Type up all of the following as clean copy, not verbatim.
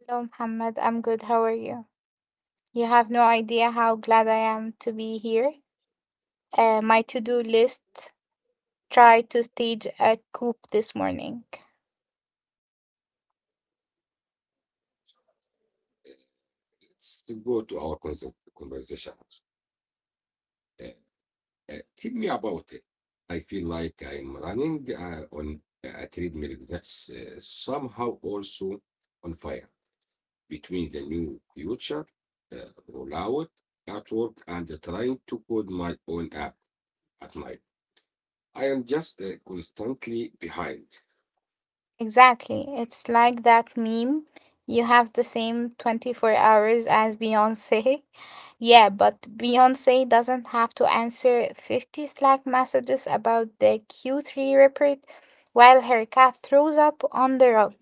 Hello, Muhammad. I'm good. How are you? You have no idea how glad I am to be here. My to do list try to stage a coup this morning. Exactly. It's like that meme. You have the same 24 hours as Beyonce. Yeah, but Beyonce doesn't have to answer 50 Slack messages about the Q3 report while her cat throws up on the rug.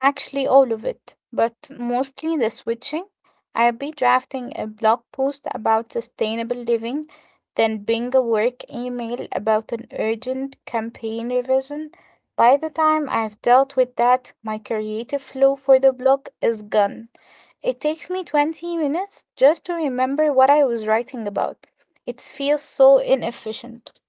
Actually, all of it, but mostly the switching. I'll be drafting a blog post about sustainable living, then being a work email about an urgent campaign revision. By the time I've dealt with that, my creative flow for the blog is gone. It takes me 20 minutes just to remember what I was writing about. It feels so inefficient.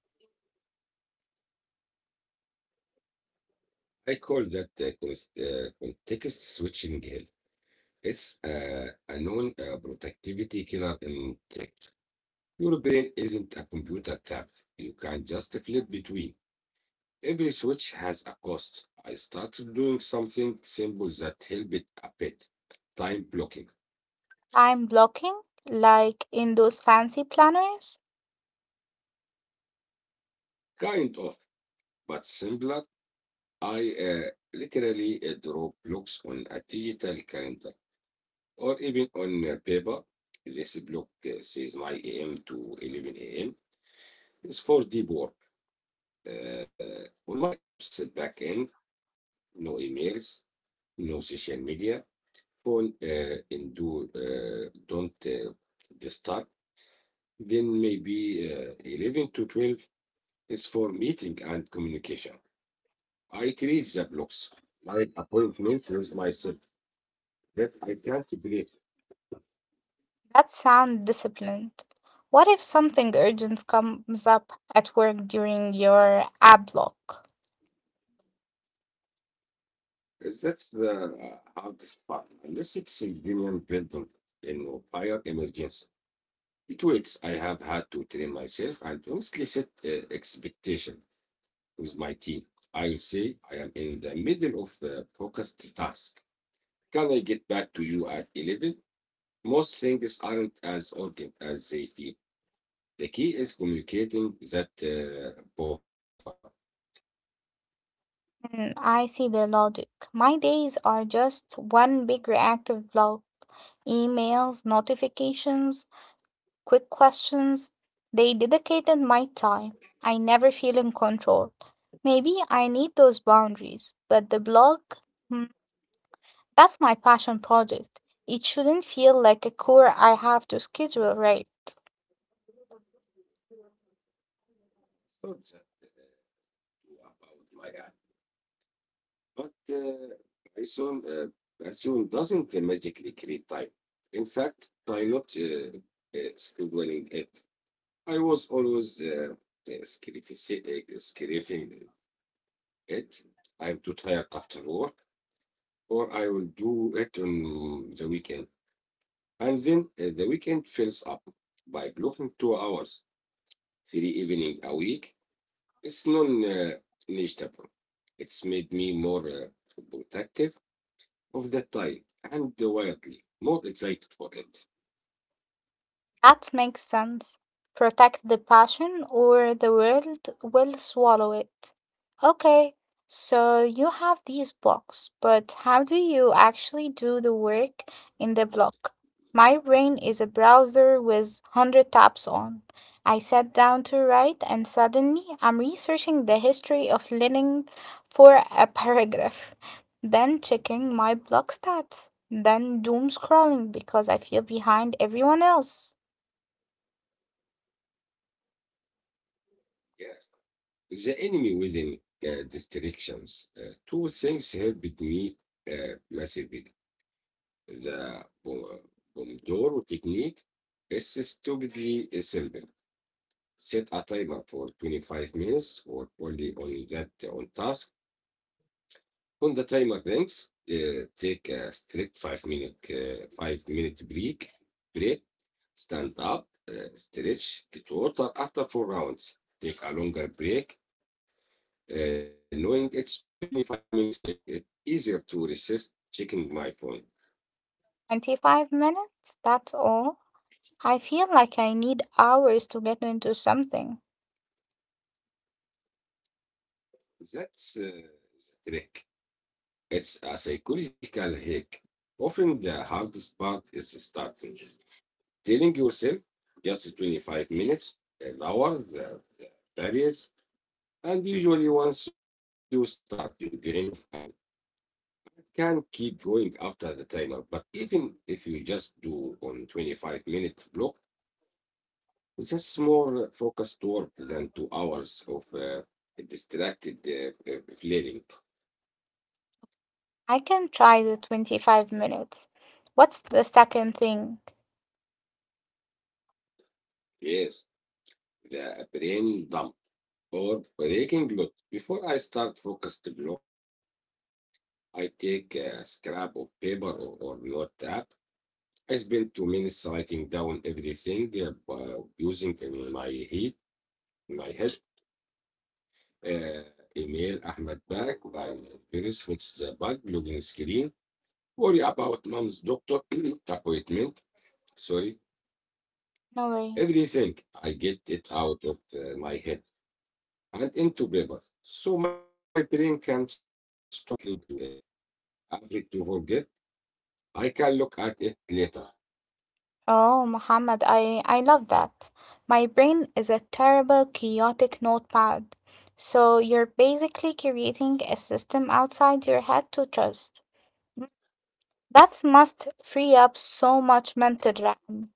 I'm blocking, like in those fancy planners. That sound disciplined. What if something urgent comes up at work during your app block? Hmm, I see the logic. My days are just one big reactive block. Emails, notifications, quick questions. They dedicated my time. I never feel in control. Maybe I need those boundaries, but the blog, hmm, that's my passion project. It shouldn't feel like a chore I have to schedule, right? That makes sense. Protect the passion, or the world will swallow it. Okay, so you have these blocks, but how do you actually do the work in the block? My brain is a browser with 100 tabs on. I sat down to write, and suddenly I'm researching the history of Lenin for a paragraph, then checking my block stats, then doom scrolling because I feel behind everyone else. 25 minutes? That's all? I feel like I need hours to get into something. I can try the 25 minutes. What's the second thing? No worries. Oh, Muhammad, I love that. My brain is a terrible chaotic notepad. So you're basically creating a system outside your head to trust. That must free up so much mental RAM.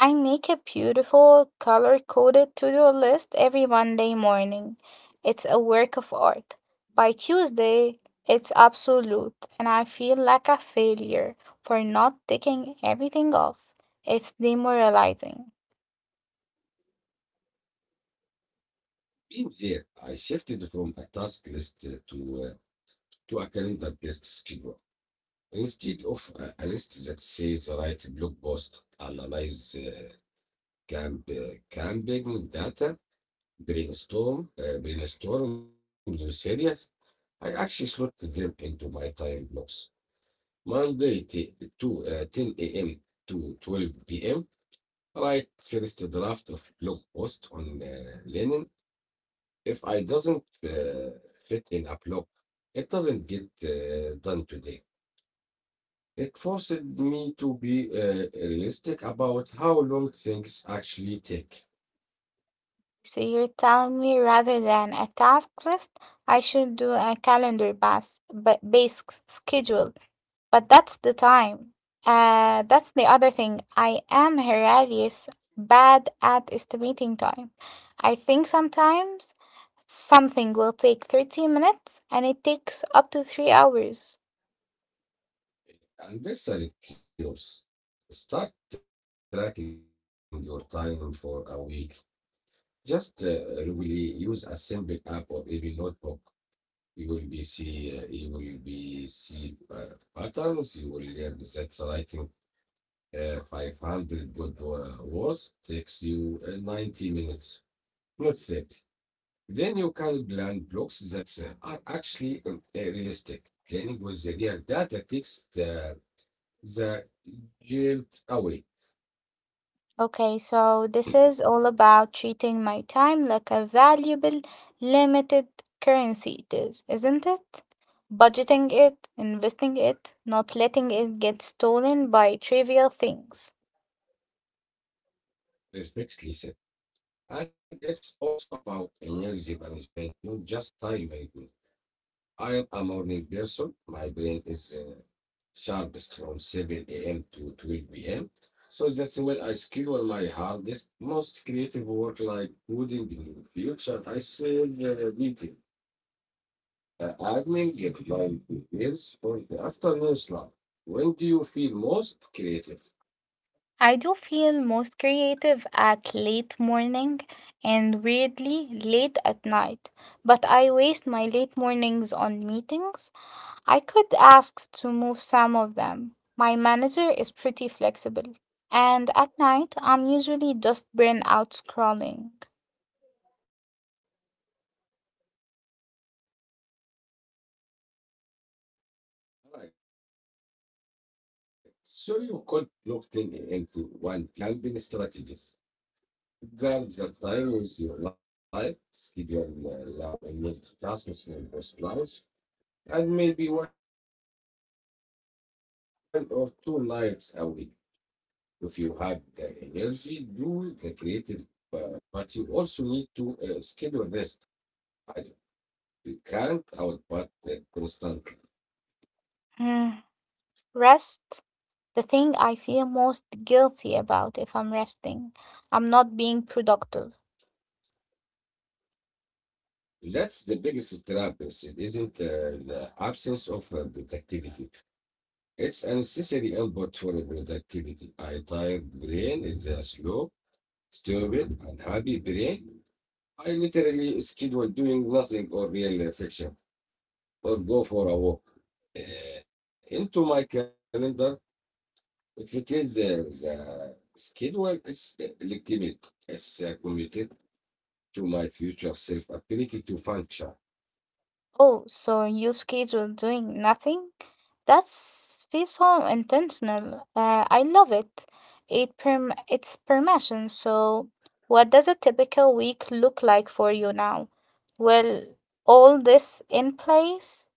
I make a beautiful color coded to do list every Monday morning. It's a work of art. By Tuesday, it's absolute, and I feel like a failure for not ticking everything off. It's demoralizing. So you're telling me rather than a task list, I should do a calendar based schedule. But that's the time. That's the other thing. I am hilarious, bad at estimating time. I think sometimes something will take 30 minutes and it takes up to 3 hours. Okay, so this is all about treating my time like a valuable, limited currency, it is, isn't it? Budgeting it, investing it, not letting it get stolen by trivial things. I do feel most creative at late morning and weirdly late at night, but I waste my late mornings on meetings. I could ask to move some of them. My manager is pretty flexible. And at night, I'm usually just burnt out scrolling. Hmm. Rest, the thing I feel most guilty about. If I'm resting, I'm not being productive. Oh, so you schedule doing nothing? That's feels so intentional. I love it. It perm It's permission. So, what does a typical week look like for you now? Well, all this in place,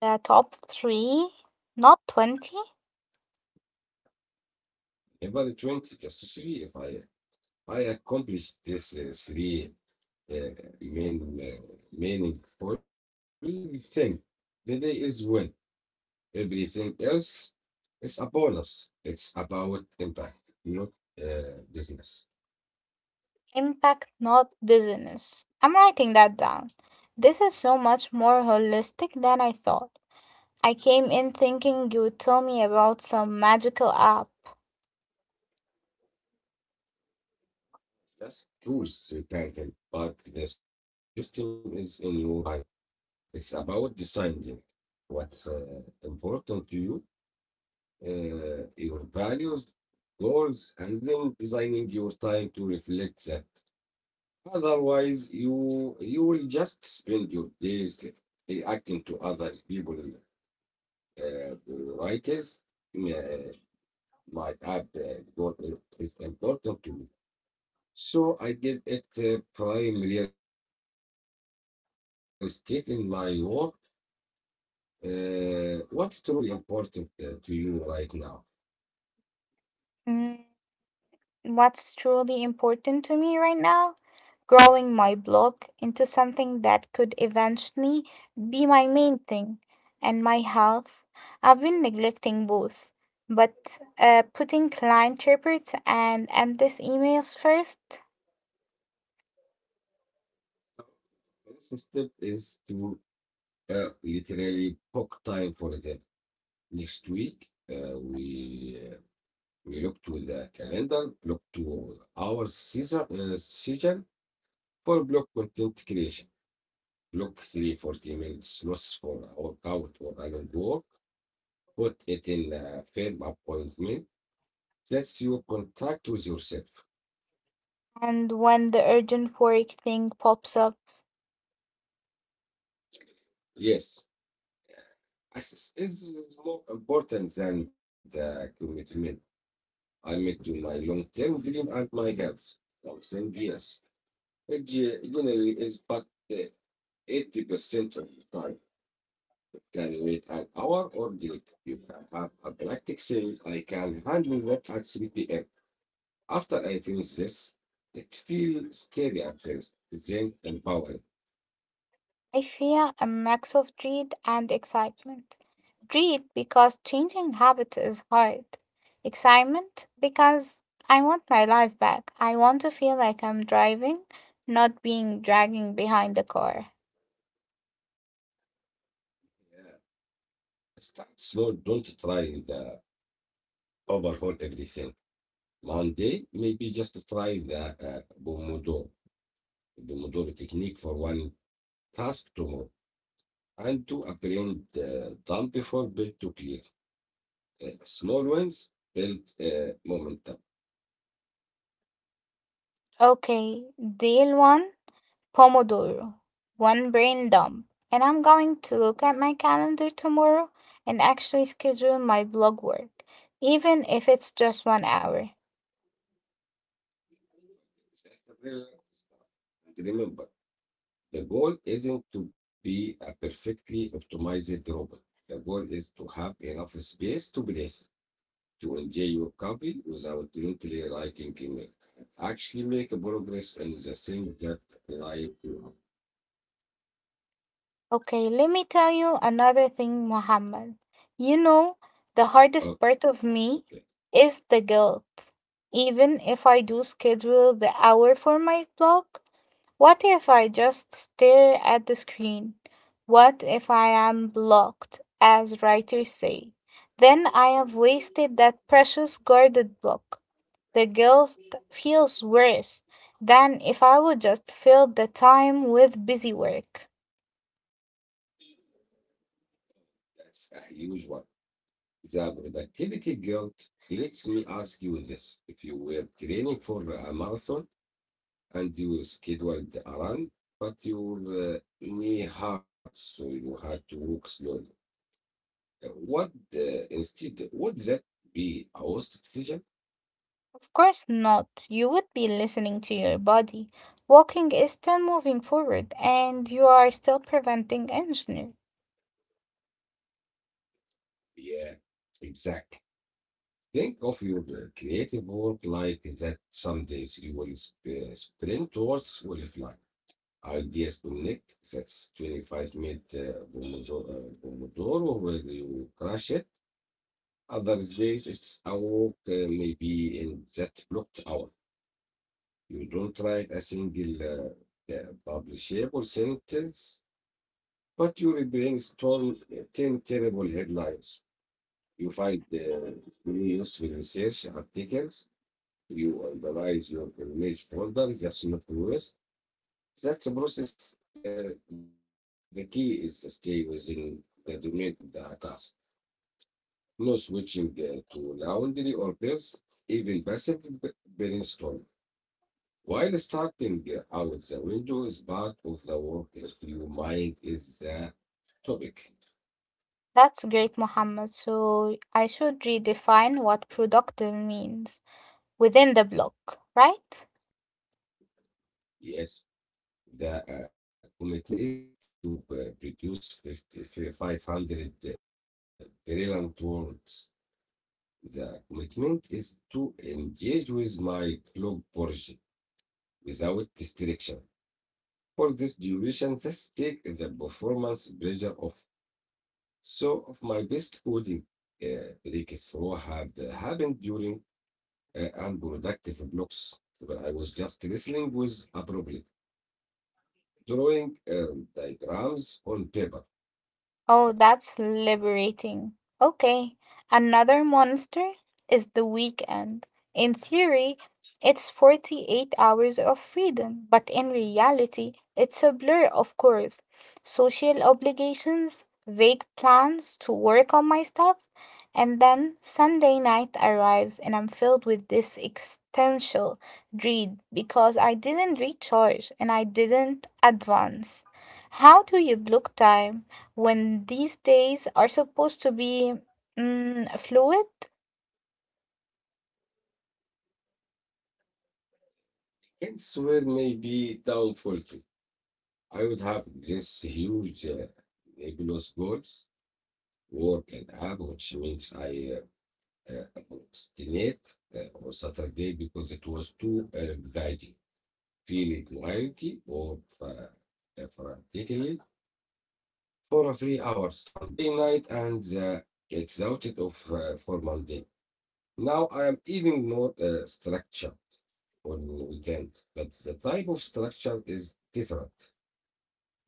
the top three, not 20, impact, not business. I'm writing that down. This is so much more holistic than I thought. I came in thinking you would tell me about some magical app. Mm, what's truly important to me right now? Growing my blog into something that could eventually be my main thing, and my health. I've been neglecting both, but putting client reports and endless emails first, and when the urgent work thing pops up, I fear a mix of dread and excitement. Dread because changing habits is hard. Excitement because I want my life back. I want to feel like I'm driving, not being dragging behind the car. Okay, deal one Pomodoro, one brain dump. And I'm going to look at my calendar tomorrow and actually schedule my blog work, even if it's just 1 hour. Okay, let me tell you another thing, Muhammad. You know, the hardest part of me is the guilt. Even if I do schedule the hour for my blog, what if I just stare at the screen? What if I am blocked, as writers say? Then I have wasted that precious guarded block. The guilt feels worse than if I would just fill the time with busy work. Of course not. You would be listening to your body. Walking is still moving forward and you are still preventing engineering. That's great, Mohammed. So I should redefine what productive means within the block, right? Oh, that's liberating. Okay, another monster is the weekend. In theory, it's 48 hours of freedom, but in reality, it's a blur, of course. Social obligations, vague plans to work on my stuff, and then Sunday night arrives and I'm filled with this existential dread because I didn't recharge and I didn't advance. How do you block time when these days are supposed to be fluid,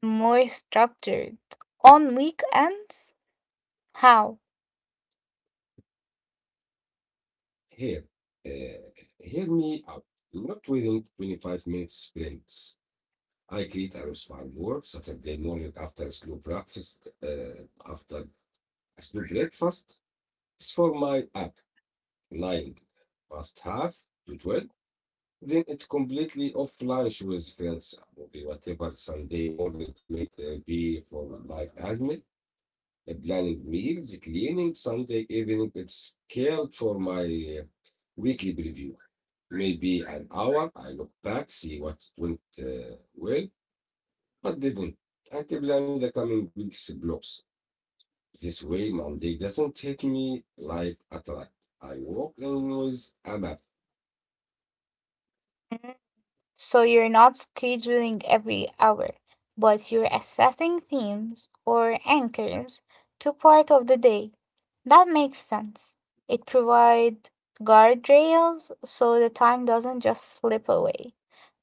more structured. On weekends, how? Mhm. So you're not scheduling every hour, but you're assessing themes or anchors to part of the day. That makes sense. It provides guardrails so the time doesn't just slip away,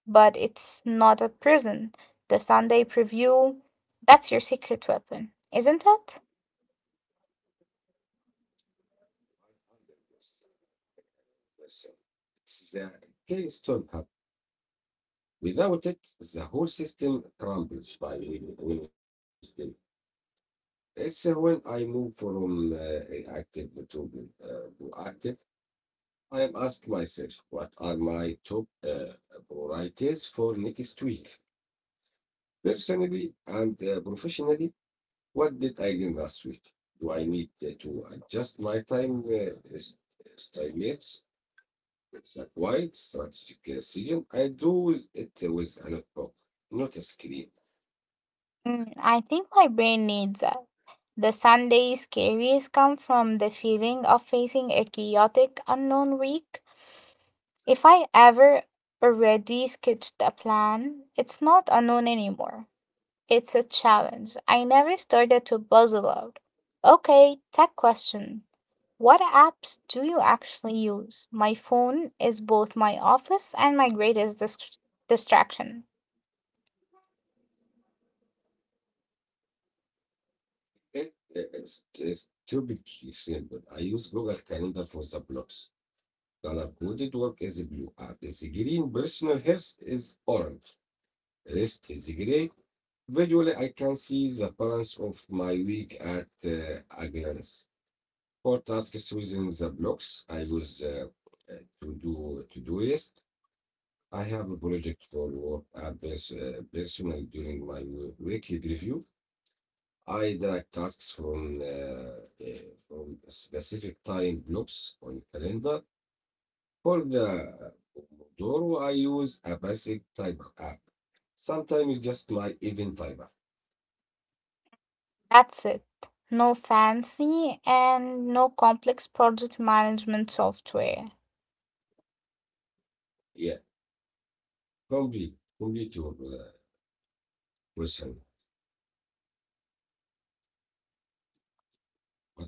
but it's not a prison. The Sunday preview, that's your secret weapon, isn't it? Mm, I think my brain needs that. The Sunday scaries come from the feeling of facing a chaotic unknown week. If I ever already sketched a plan, it's not unknown anymore. It's a challenge. I never started to puzzle out. Okay, tech question. What apps do you actually use? My phone is both my office and my greatest distraction. That's it. No fancy and no complex project management software.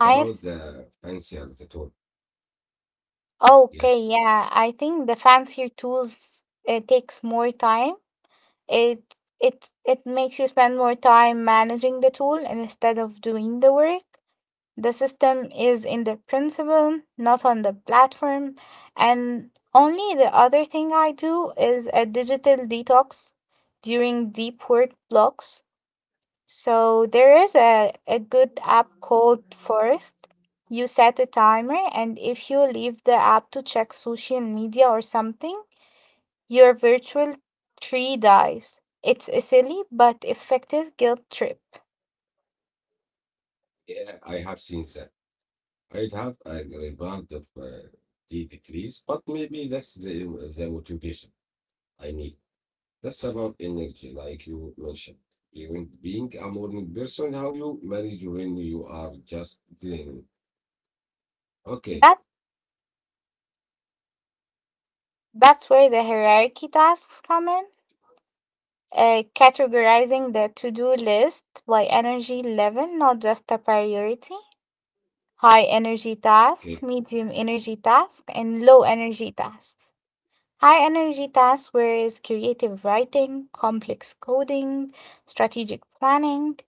I have, s- okay, yeah, I think the fancier tools takes more time. It makes you spend more time managing the tool instead of doing the work. The system is in the principle, not on the platform. And only the other thing I do is a digital detox during deep work blocks. So there is a good app called Forest. You set a timer, and if you leave the app to check social media or something, your virtual tree dies. It's a silly but effective guilt trip. That that's where the hierarchy tasks come in. Categorizing the to-do list by energy level, not just a priority. High energy tasks, medium energy tasks, and low energy tasks. High energy tasks whereas creative writing, complex coding, strategic planning,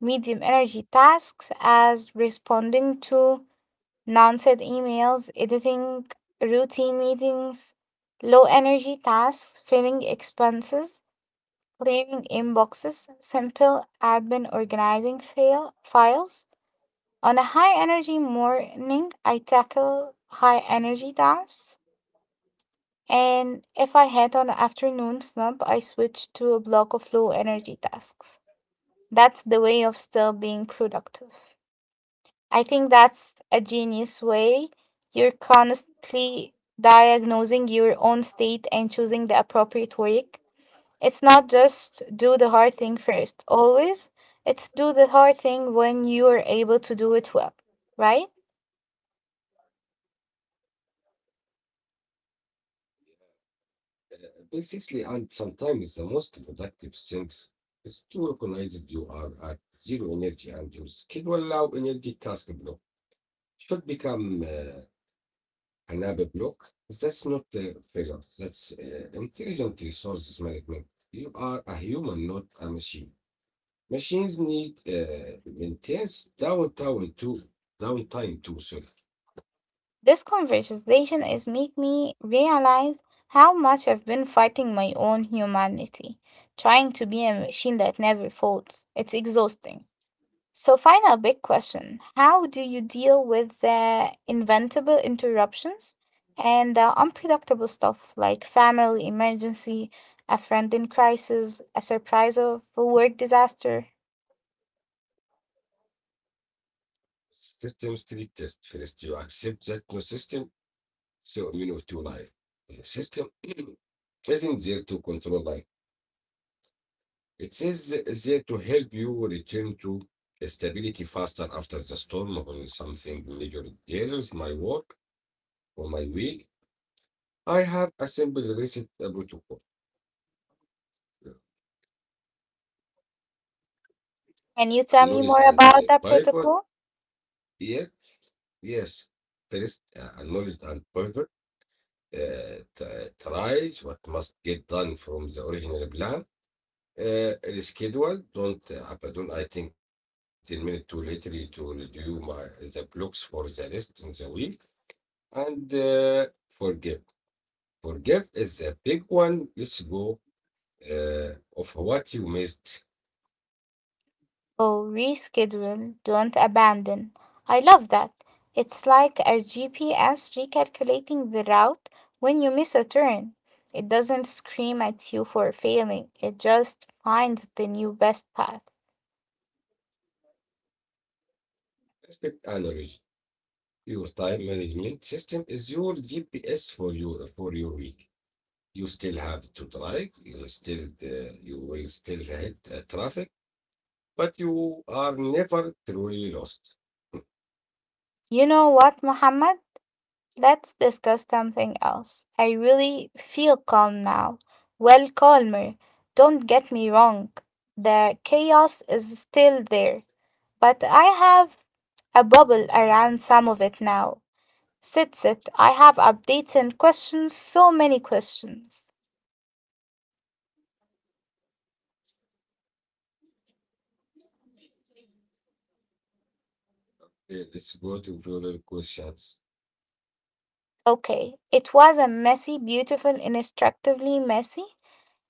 medium energy tasks as responding to non-sent emails, editing routine meetings, low energy tasks, filling expenses, clearing inboxes, simple admin organizing fail files. On a high energy morning, I tackle high energy tasks. And if I had on an afternoon slump, I switch to a block of low energy tasks. That's the way of still being productive. I think that's a genius way. You're constantly diagnosing your own state and choosing the appropriate work. It's not just do the hard thing first, always. It's do the hard thing when you are able to do it well, right? This conversation is make me realize how much I've been fighting my own humanity, trying to be a machine that never folds. It's exhausting. So, final big question. How do you deal with the inventable interruptions and the unpredictable stuff like family emergency, a friend in crisis, a surprise of a work disaster? Can you tell me more about that protocol? Oh, reschedule, don't abandon. I love that. It's like a GPS recalculating the route when you miss a turn. It doesn't scream at you for failing, it just finds the new best path. You know what, Muhammad? Let's discuss something else. I really feel calm now. Well, calmer. Don't get me wrong. The chaos is still there, but I have a bubble around some of it now. Sit. I have updates and questions, so many questions. Okay, it was a messy, beautiful, instructively messy.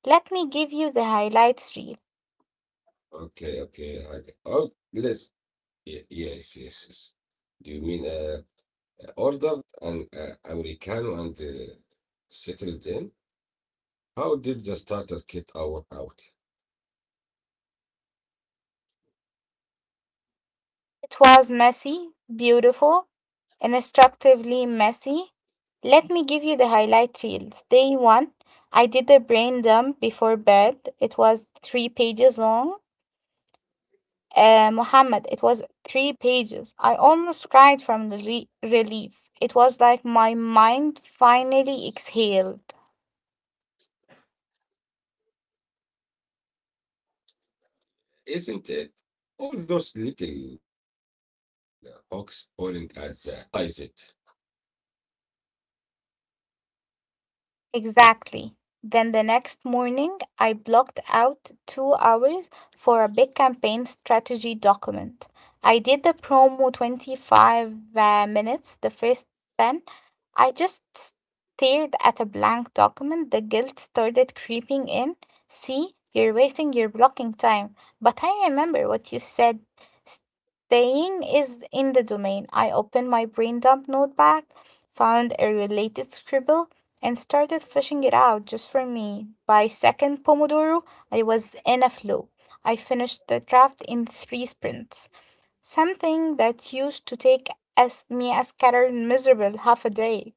Let me give you the highlights reel. It was messy, beautiful, instructively messy. Let me give you the highlight reels. Day one, I did a brain dump before bed. It was 3 pages long. Mohammed, it was three pages. I almost cried from the relief. It was like my mind finally exhaled. Exactly. Then the next morning, I blocked out 2 hours for a big campaign strategy document. I did the promo 25 minutes, the first 10. I just stared at a blank document. The guilt started creeping in. See, you're wasting your blocking time. But I remember what you said. Staying is in the domain. I opened my brain dump notepad, found a related scribble and started fleshing it out just for me. By second Pomodoro, I was in a flow. I finished the draft in 3 sprints, something that used to take as me a scattered miserable half a day.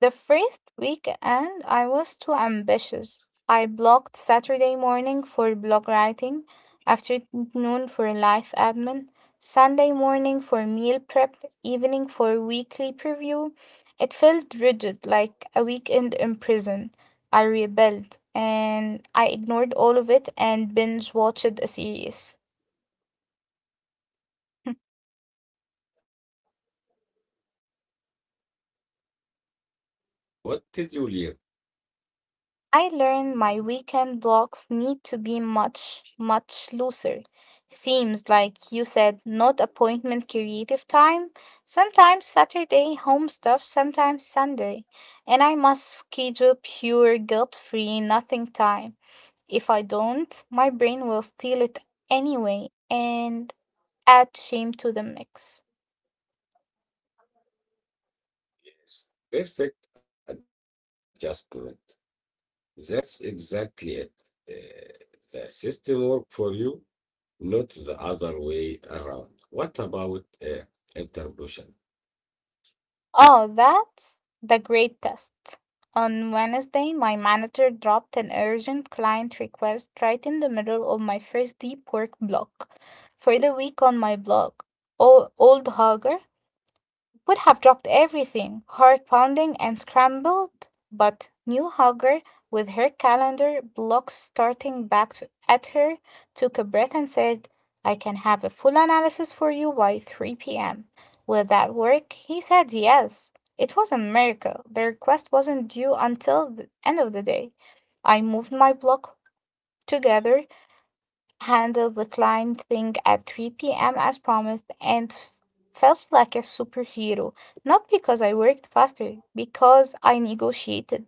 The first weekend, I was too ambitious. I blocked Saturday morning for blog writing, afternoon for life admin, Sunday morning for meal prep, evening for weekly preview. It felt rigid, like a weekend in prison. I rebelled and I ignored all of it and binge watched a series. I learned my weekend blocks need to be much, much looser. Themes like you said, not appointment creative time, sometimes Saturday home stuff, sometimes Sunday. And I must schedule pure guilt free nothing time. If I don't, my brain will steal it anyway and add shame to the mix. Oh, that's the great test. On Wednesday, my manager dropped an urgent client request right in the middle of my first deep work block for the week on my blog, Old Hogger would have dropped everything, heart pounding and scrambled. But Newhugger, with her calendar block starting at her, took a breath and said, I can have a full analysis for you by 3 p.m. Will that work? He said yes. It was a miracle. The request wasn't due until the end of the day. I moved my block together, handled the client thing at 3 p.m. as promised and felt like a superhero. Not because I worked faster, because I negotiated.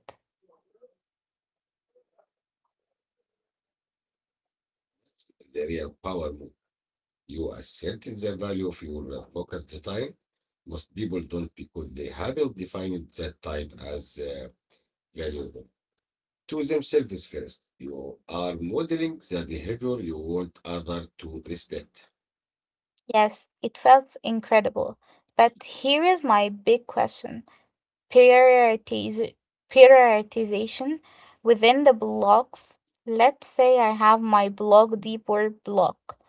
Yes, it felt incredible. But here is my big question. Prioritiz- Prioritization within the blocks. Let's say I have my block deep work block.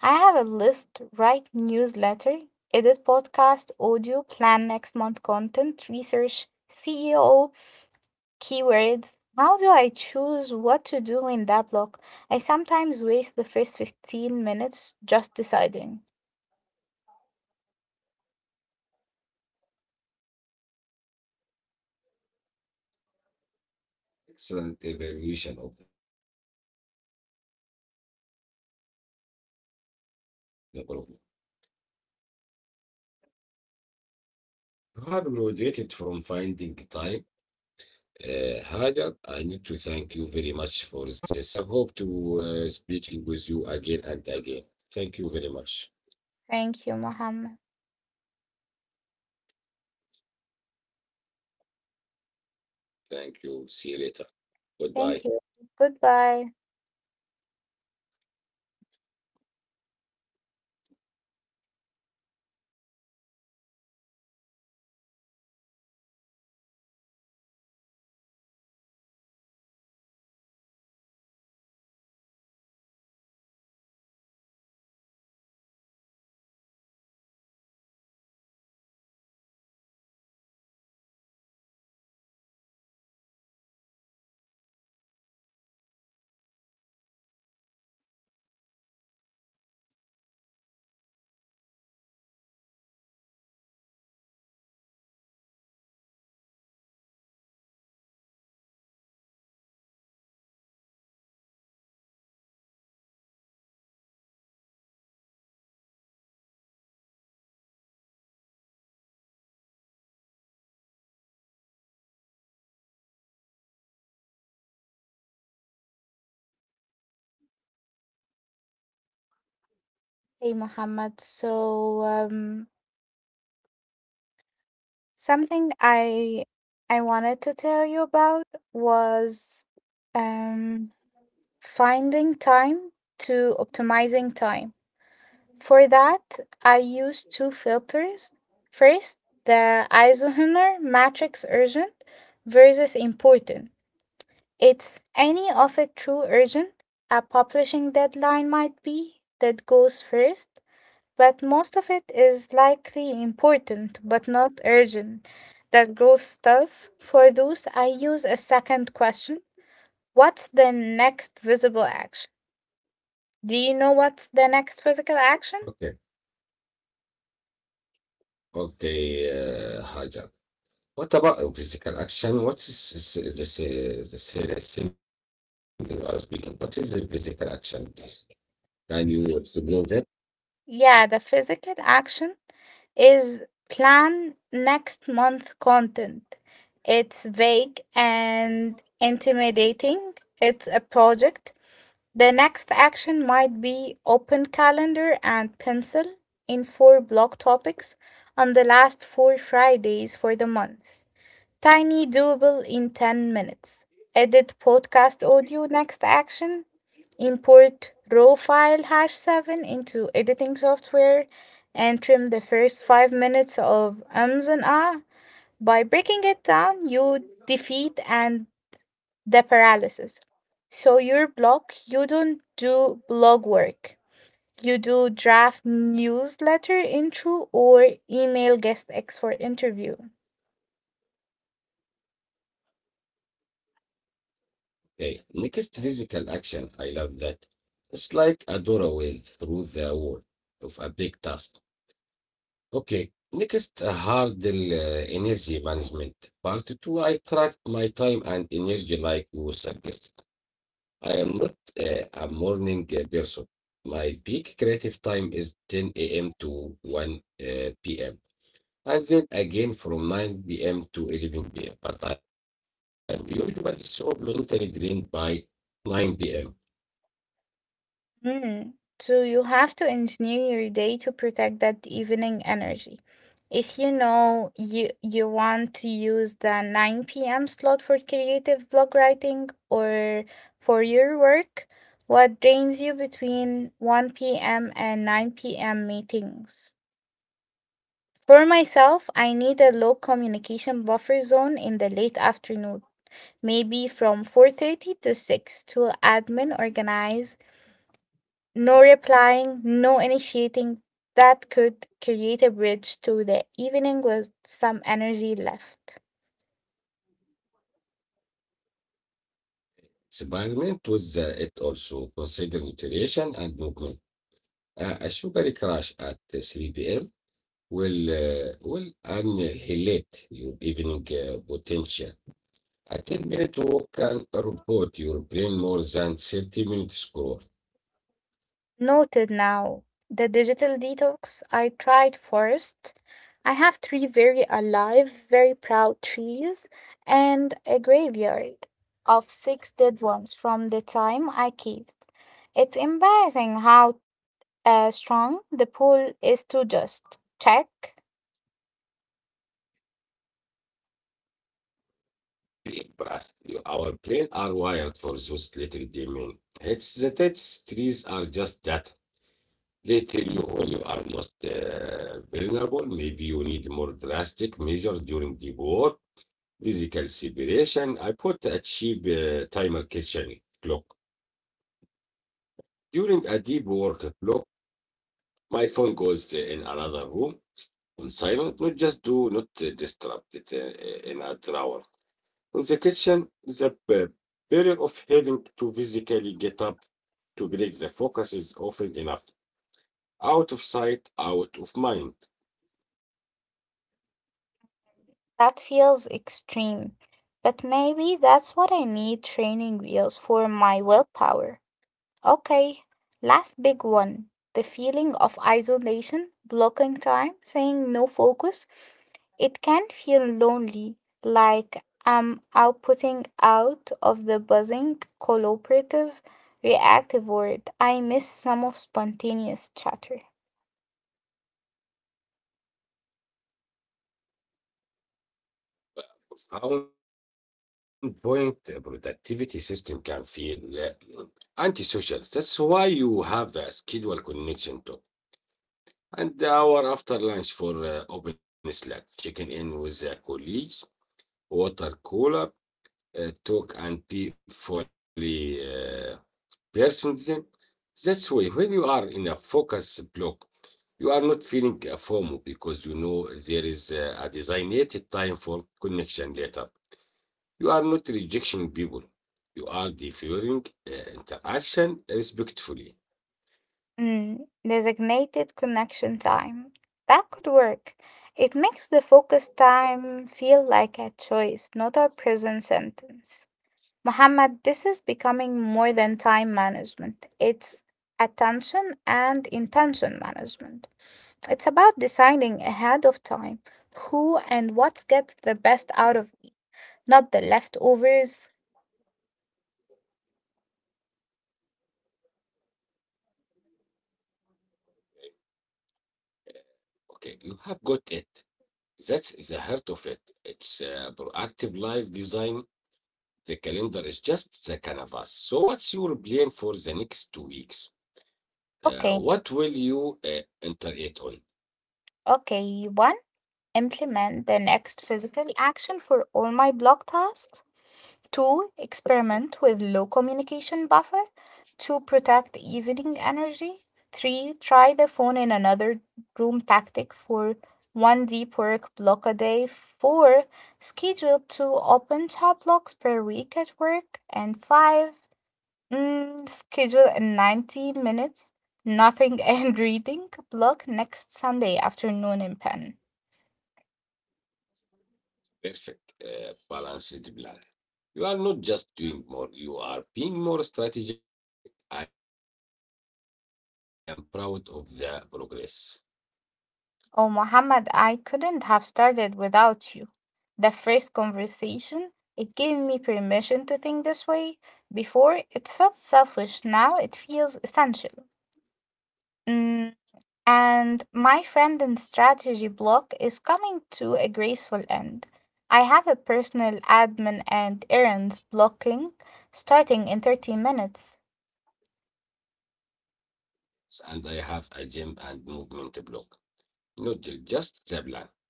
I have a list, write newsletter, edit podcast audio, plan next month content, research SEO keywords. How do I choose what to do in that block? I sometimes waste the first 15 minutes just deciding. Thank you, Mohammed. Thank you. Goodbye. Hey, Mohammed. Something I wanted to tell you about was um finding time to optimizing time. For that, I use two filters. First, the Eisenhower matrix urgent versus important. It's any of it true urgent, a publishing deadline might be, that goes first, but most of it is likely important but not urgent. That goes stuff. For those, I use a second question. What's the next visible action? Do you know what's the next physical Okay, action? okay, Hajar. What about physical action? What is this the serious thing you are speaking? What is the physical action, please? Can you explain that? Yeah, the physical action is plan next month content. It's vague and intimidating. It's a project. The next action might be open calendar and pencil in four block topics on the last four Fridays for the month. Tiny doable in 10 minutes. Edit podcast audio next action import raw file hash 7 into editing software and trim the first 5 minutes of ums and ah. By breaking it down, you defeat and the paralysis. So your blog, you don't do blog work. You do draft newsletter intro or email guest X for interview. Okay, next physical action. I love that. It's like a doorway through the wall of a big task. Okay, next hurdle energy management. Part two. I track my time and energy like you suggest. I am not a morning person. My peak creative time is 10 a.m. to 1 p.m. and then again from 9 p.m. to 11 p.m. But I am usually so mentally drained by 9 p.m. Mm. So you have to engineer your day to protect that evening energy. If you know you want to use the 9 p.m. slot for creative blog writing or for your work, what drains you between 1 p.m. and 9 p.m. meetings? For myself, I need a low communication buffer zone in the late afternoon, maybe from 4:30 to 6 to admin organize, no replying, no initiating. That could create a bridge to the evening with some energy left. Experiment with it, also consider nutrition and movement. A sugar crash at 3 p.m. will will annihilate your evening potential. I think Minotaur can report your brain more than 30 minutes score. Noted now. The digital detox I tried first. I have three very alive, very proud trees and a graveyard of six dead ones from the time I caved. It's embarrassing how strong the pull is to just check. Brain blast. You- our brain are wired for those little demon. It's the text trees are just that. They tell you when you are most vulnerable. Maybe you need more drastic measures during the war. Physical separation. I put a cheap timer kitchen clock. During a deep work clock, my phone goes in another room. On silent, not just do not disrupt it in a drawer. In the kitchen, the p- barrier of having to physically get up to break the focus is often enough. Out of sight, out of mind. That feels extreme, but maybe that's what I need, training wheels for my willpower. Okay, last big one. The feeling of isolation, blocking time, saying no focus. It can feel lonely, like I'm outputting out of the buzzing, collaborative, reactive world. I miss some of spontaneous chatter. Found point productivity system can feel antisocial. That's why you have a schedule connection to block, uh, collab, and chat time, literally and the hour after lunch for open slack checking in with the colleagues water cooler, talk and be fully personal. That's why when you are in a focus block, you are not feeling a FOMO because you know there is a designated time for connection later. You are not rejecting people. You are deferring interaction respectfully. Mm, designated connection time. That could work. It makes the focus time feel like a choice, not a prison sentence. Muhammad, this is becoming more than time management. It's attention and intention management. It's about deciding ahead of time who and what gets the best out of it, not the leftovers. Okay, you have got it. That's the heart of it. It's proactive life design. The calendar is just the canvas. So, what's your plan for the next two weeks? Okay, What will you enter it on? okay, one, implement the next physical action for all my block tasks. Two, experiment with low communication buffer to protect evening energy. Three, try the phone in another room tactic for one deep work block a day. Four, schedule two open chat blocks per week at work. And five, schedule a 90 minutes nothing and reading block next Sunday afternoon in pen. Perfect, balanced plan. You are not just doing more, you are being more strategic. I am proud of the progress. Oh, Mohammed, I couldn't have started without you. The first conversation, it gave me permission to think this way. Before, it felt selfish. Now, it feels essential. Mm, and my friend and strategy block is coming to a graceful end. I have a personal admin and errands blocking starting in 30 minutes. And I have a gym and movement block. Not just the plan.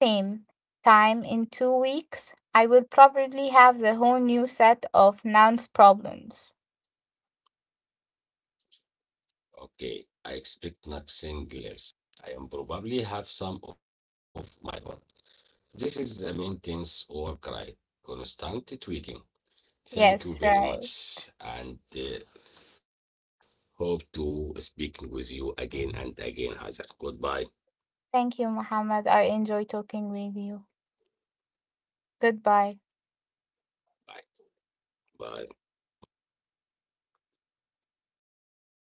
Same time in 2 weeks, I will probably have the whole new set of nouns problems. Okay, I expect nothing less. I am probably have some of my own. This is the maintenance or cry. Constant tweaking. Thank Yes, you very right. much, and hope to speaking with you again and again, Hajar. Goodbye. Thank you, Mohammed. I enjoy talking with you. Goodbye. Bye. Bye.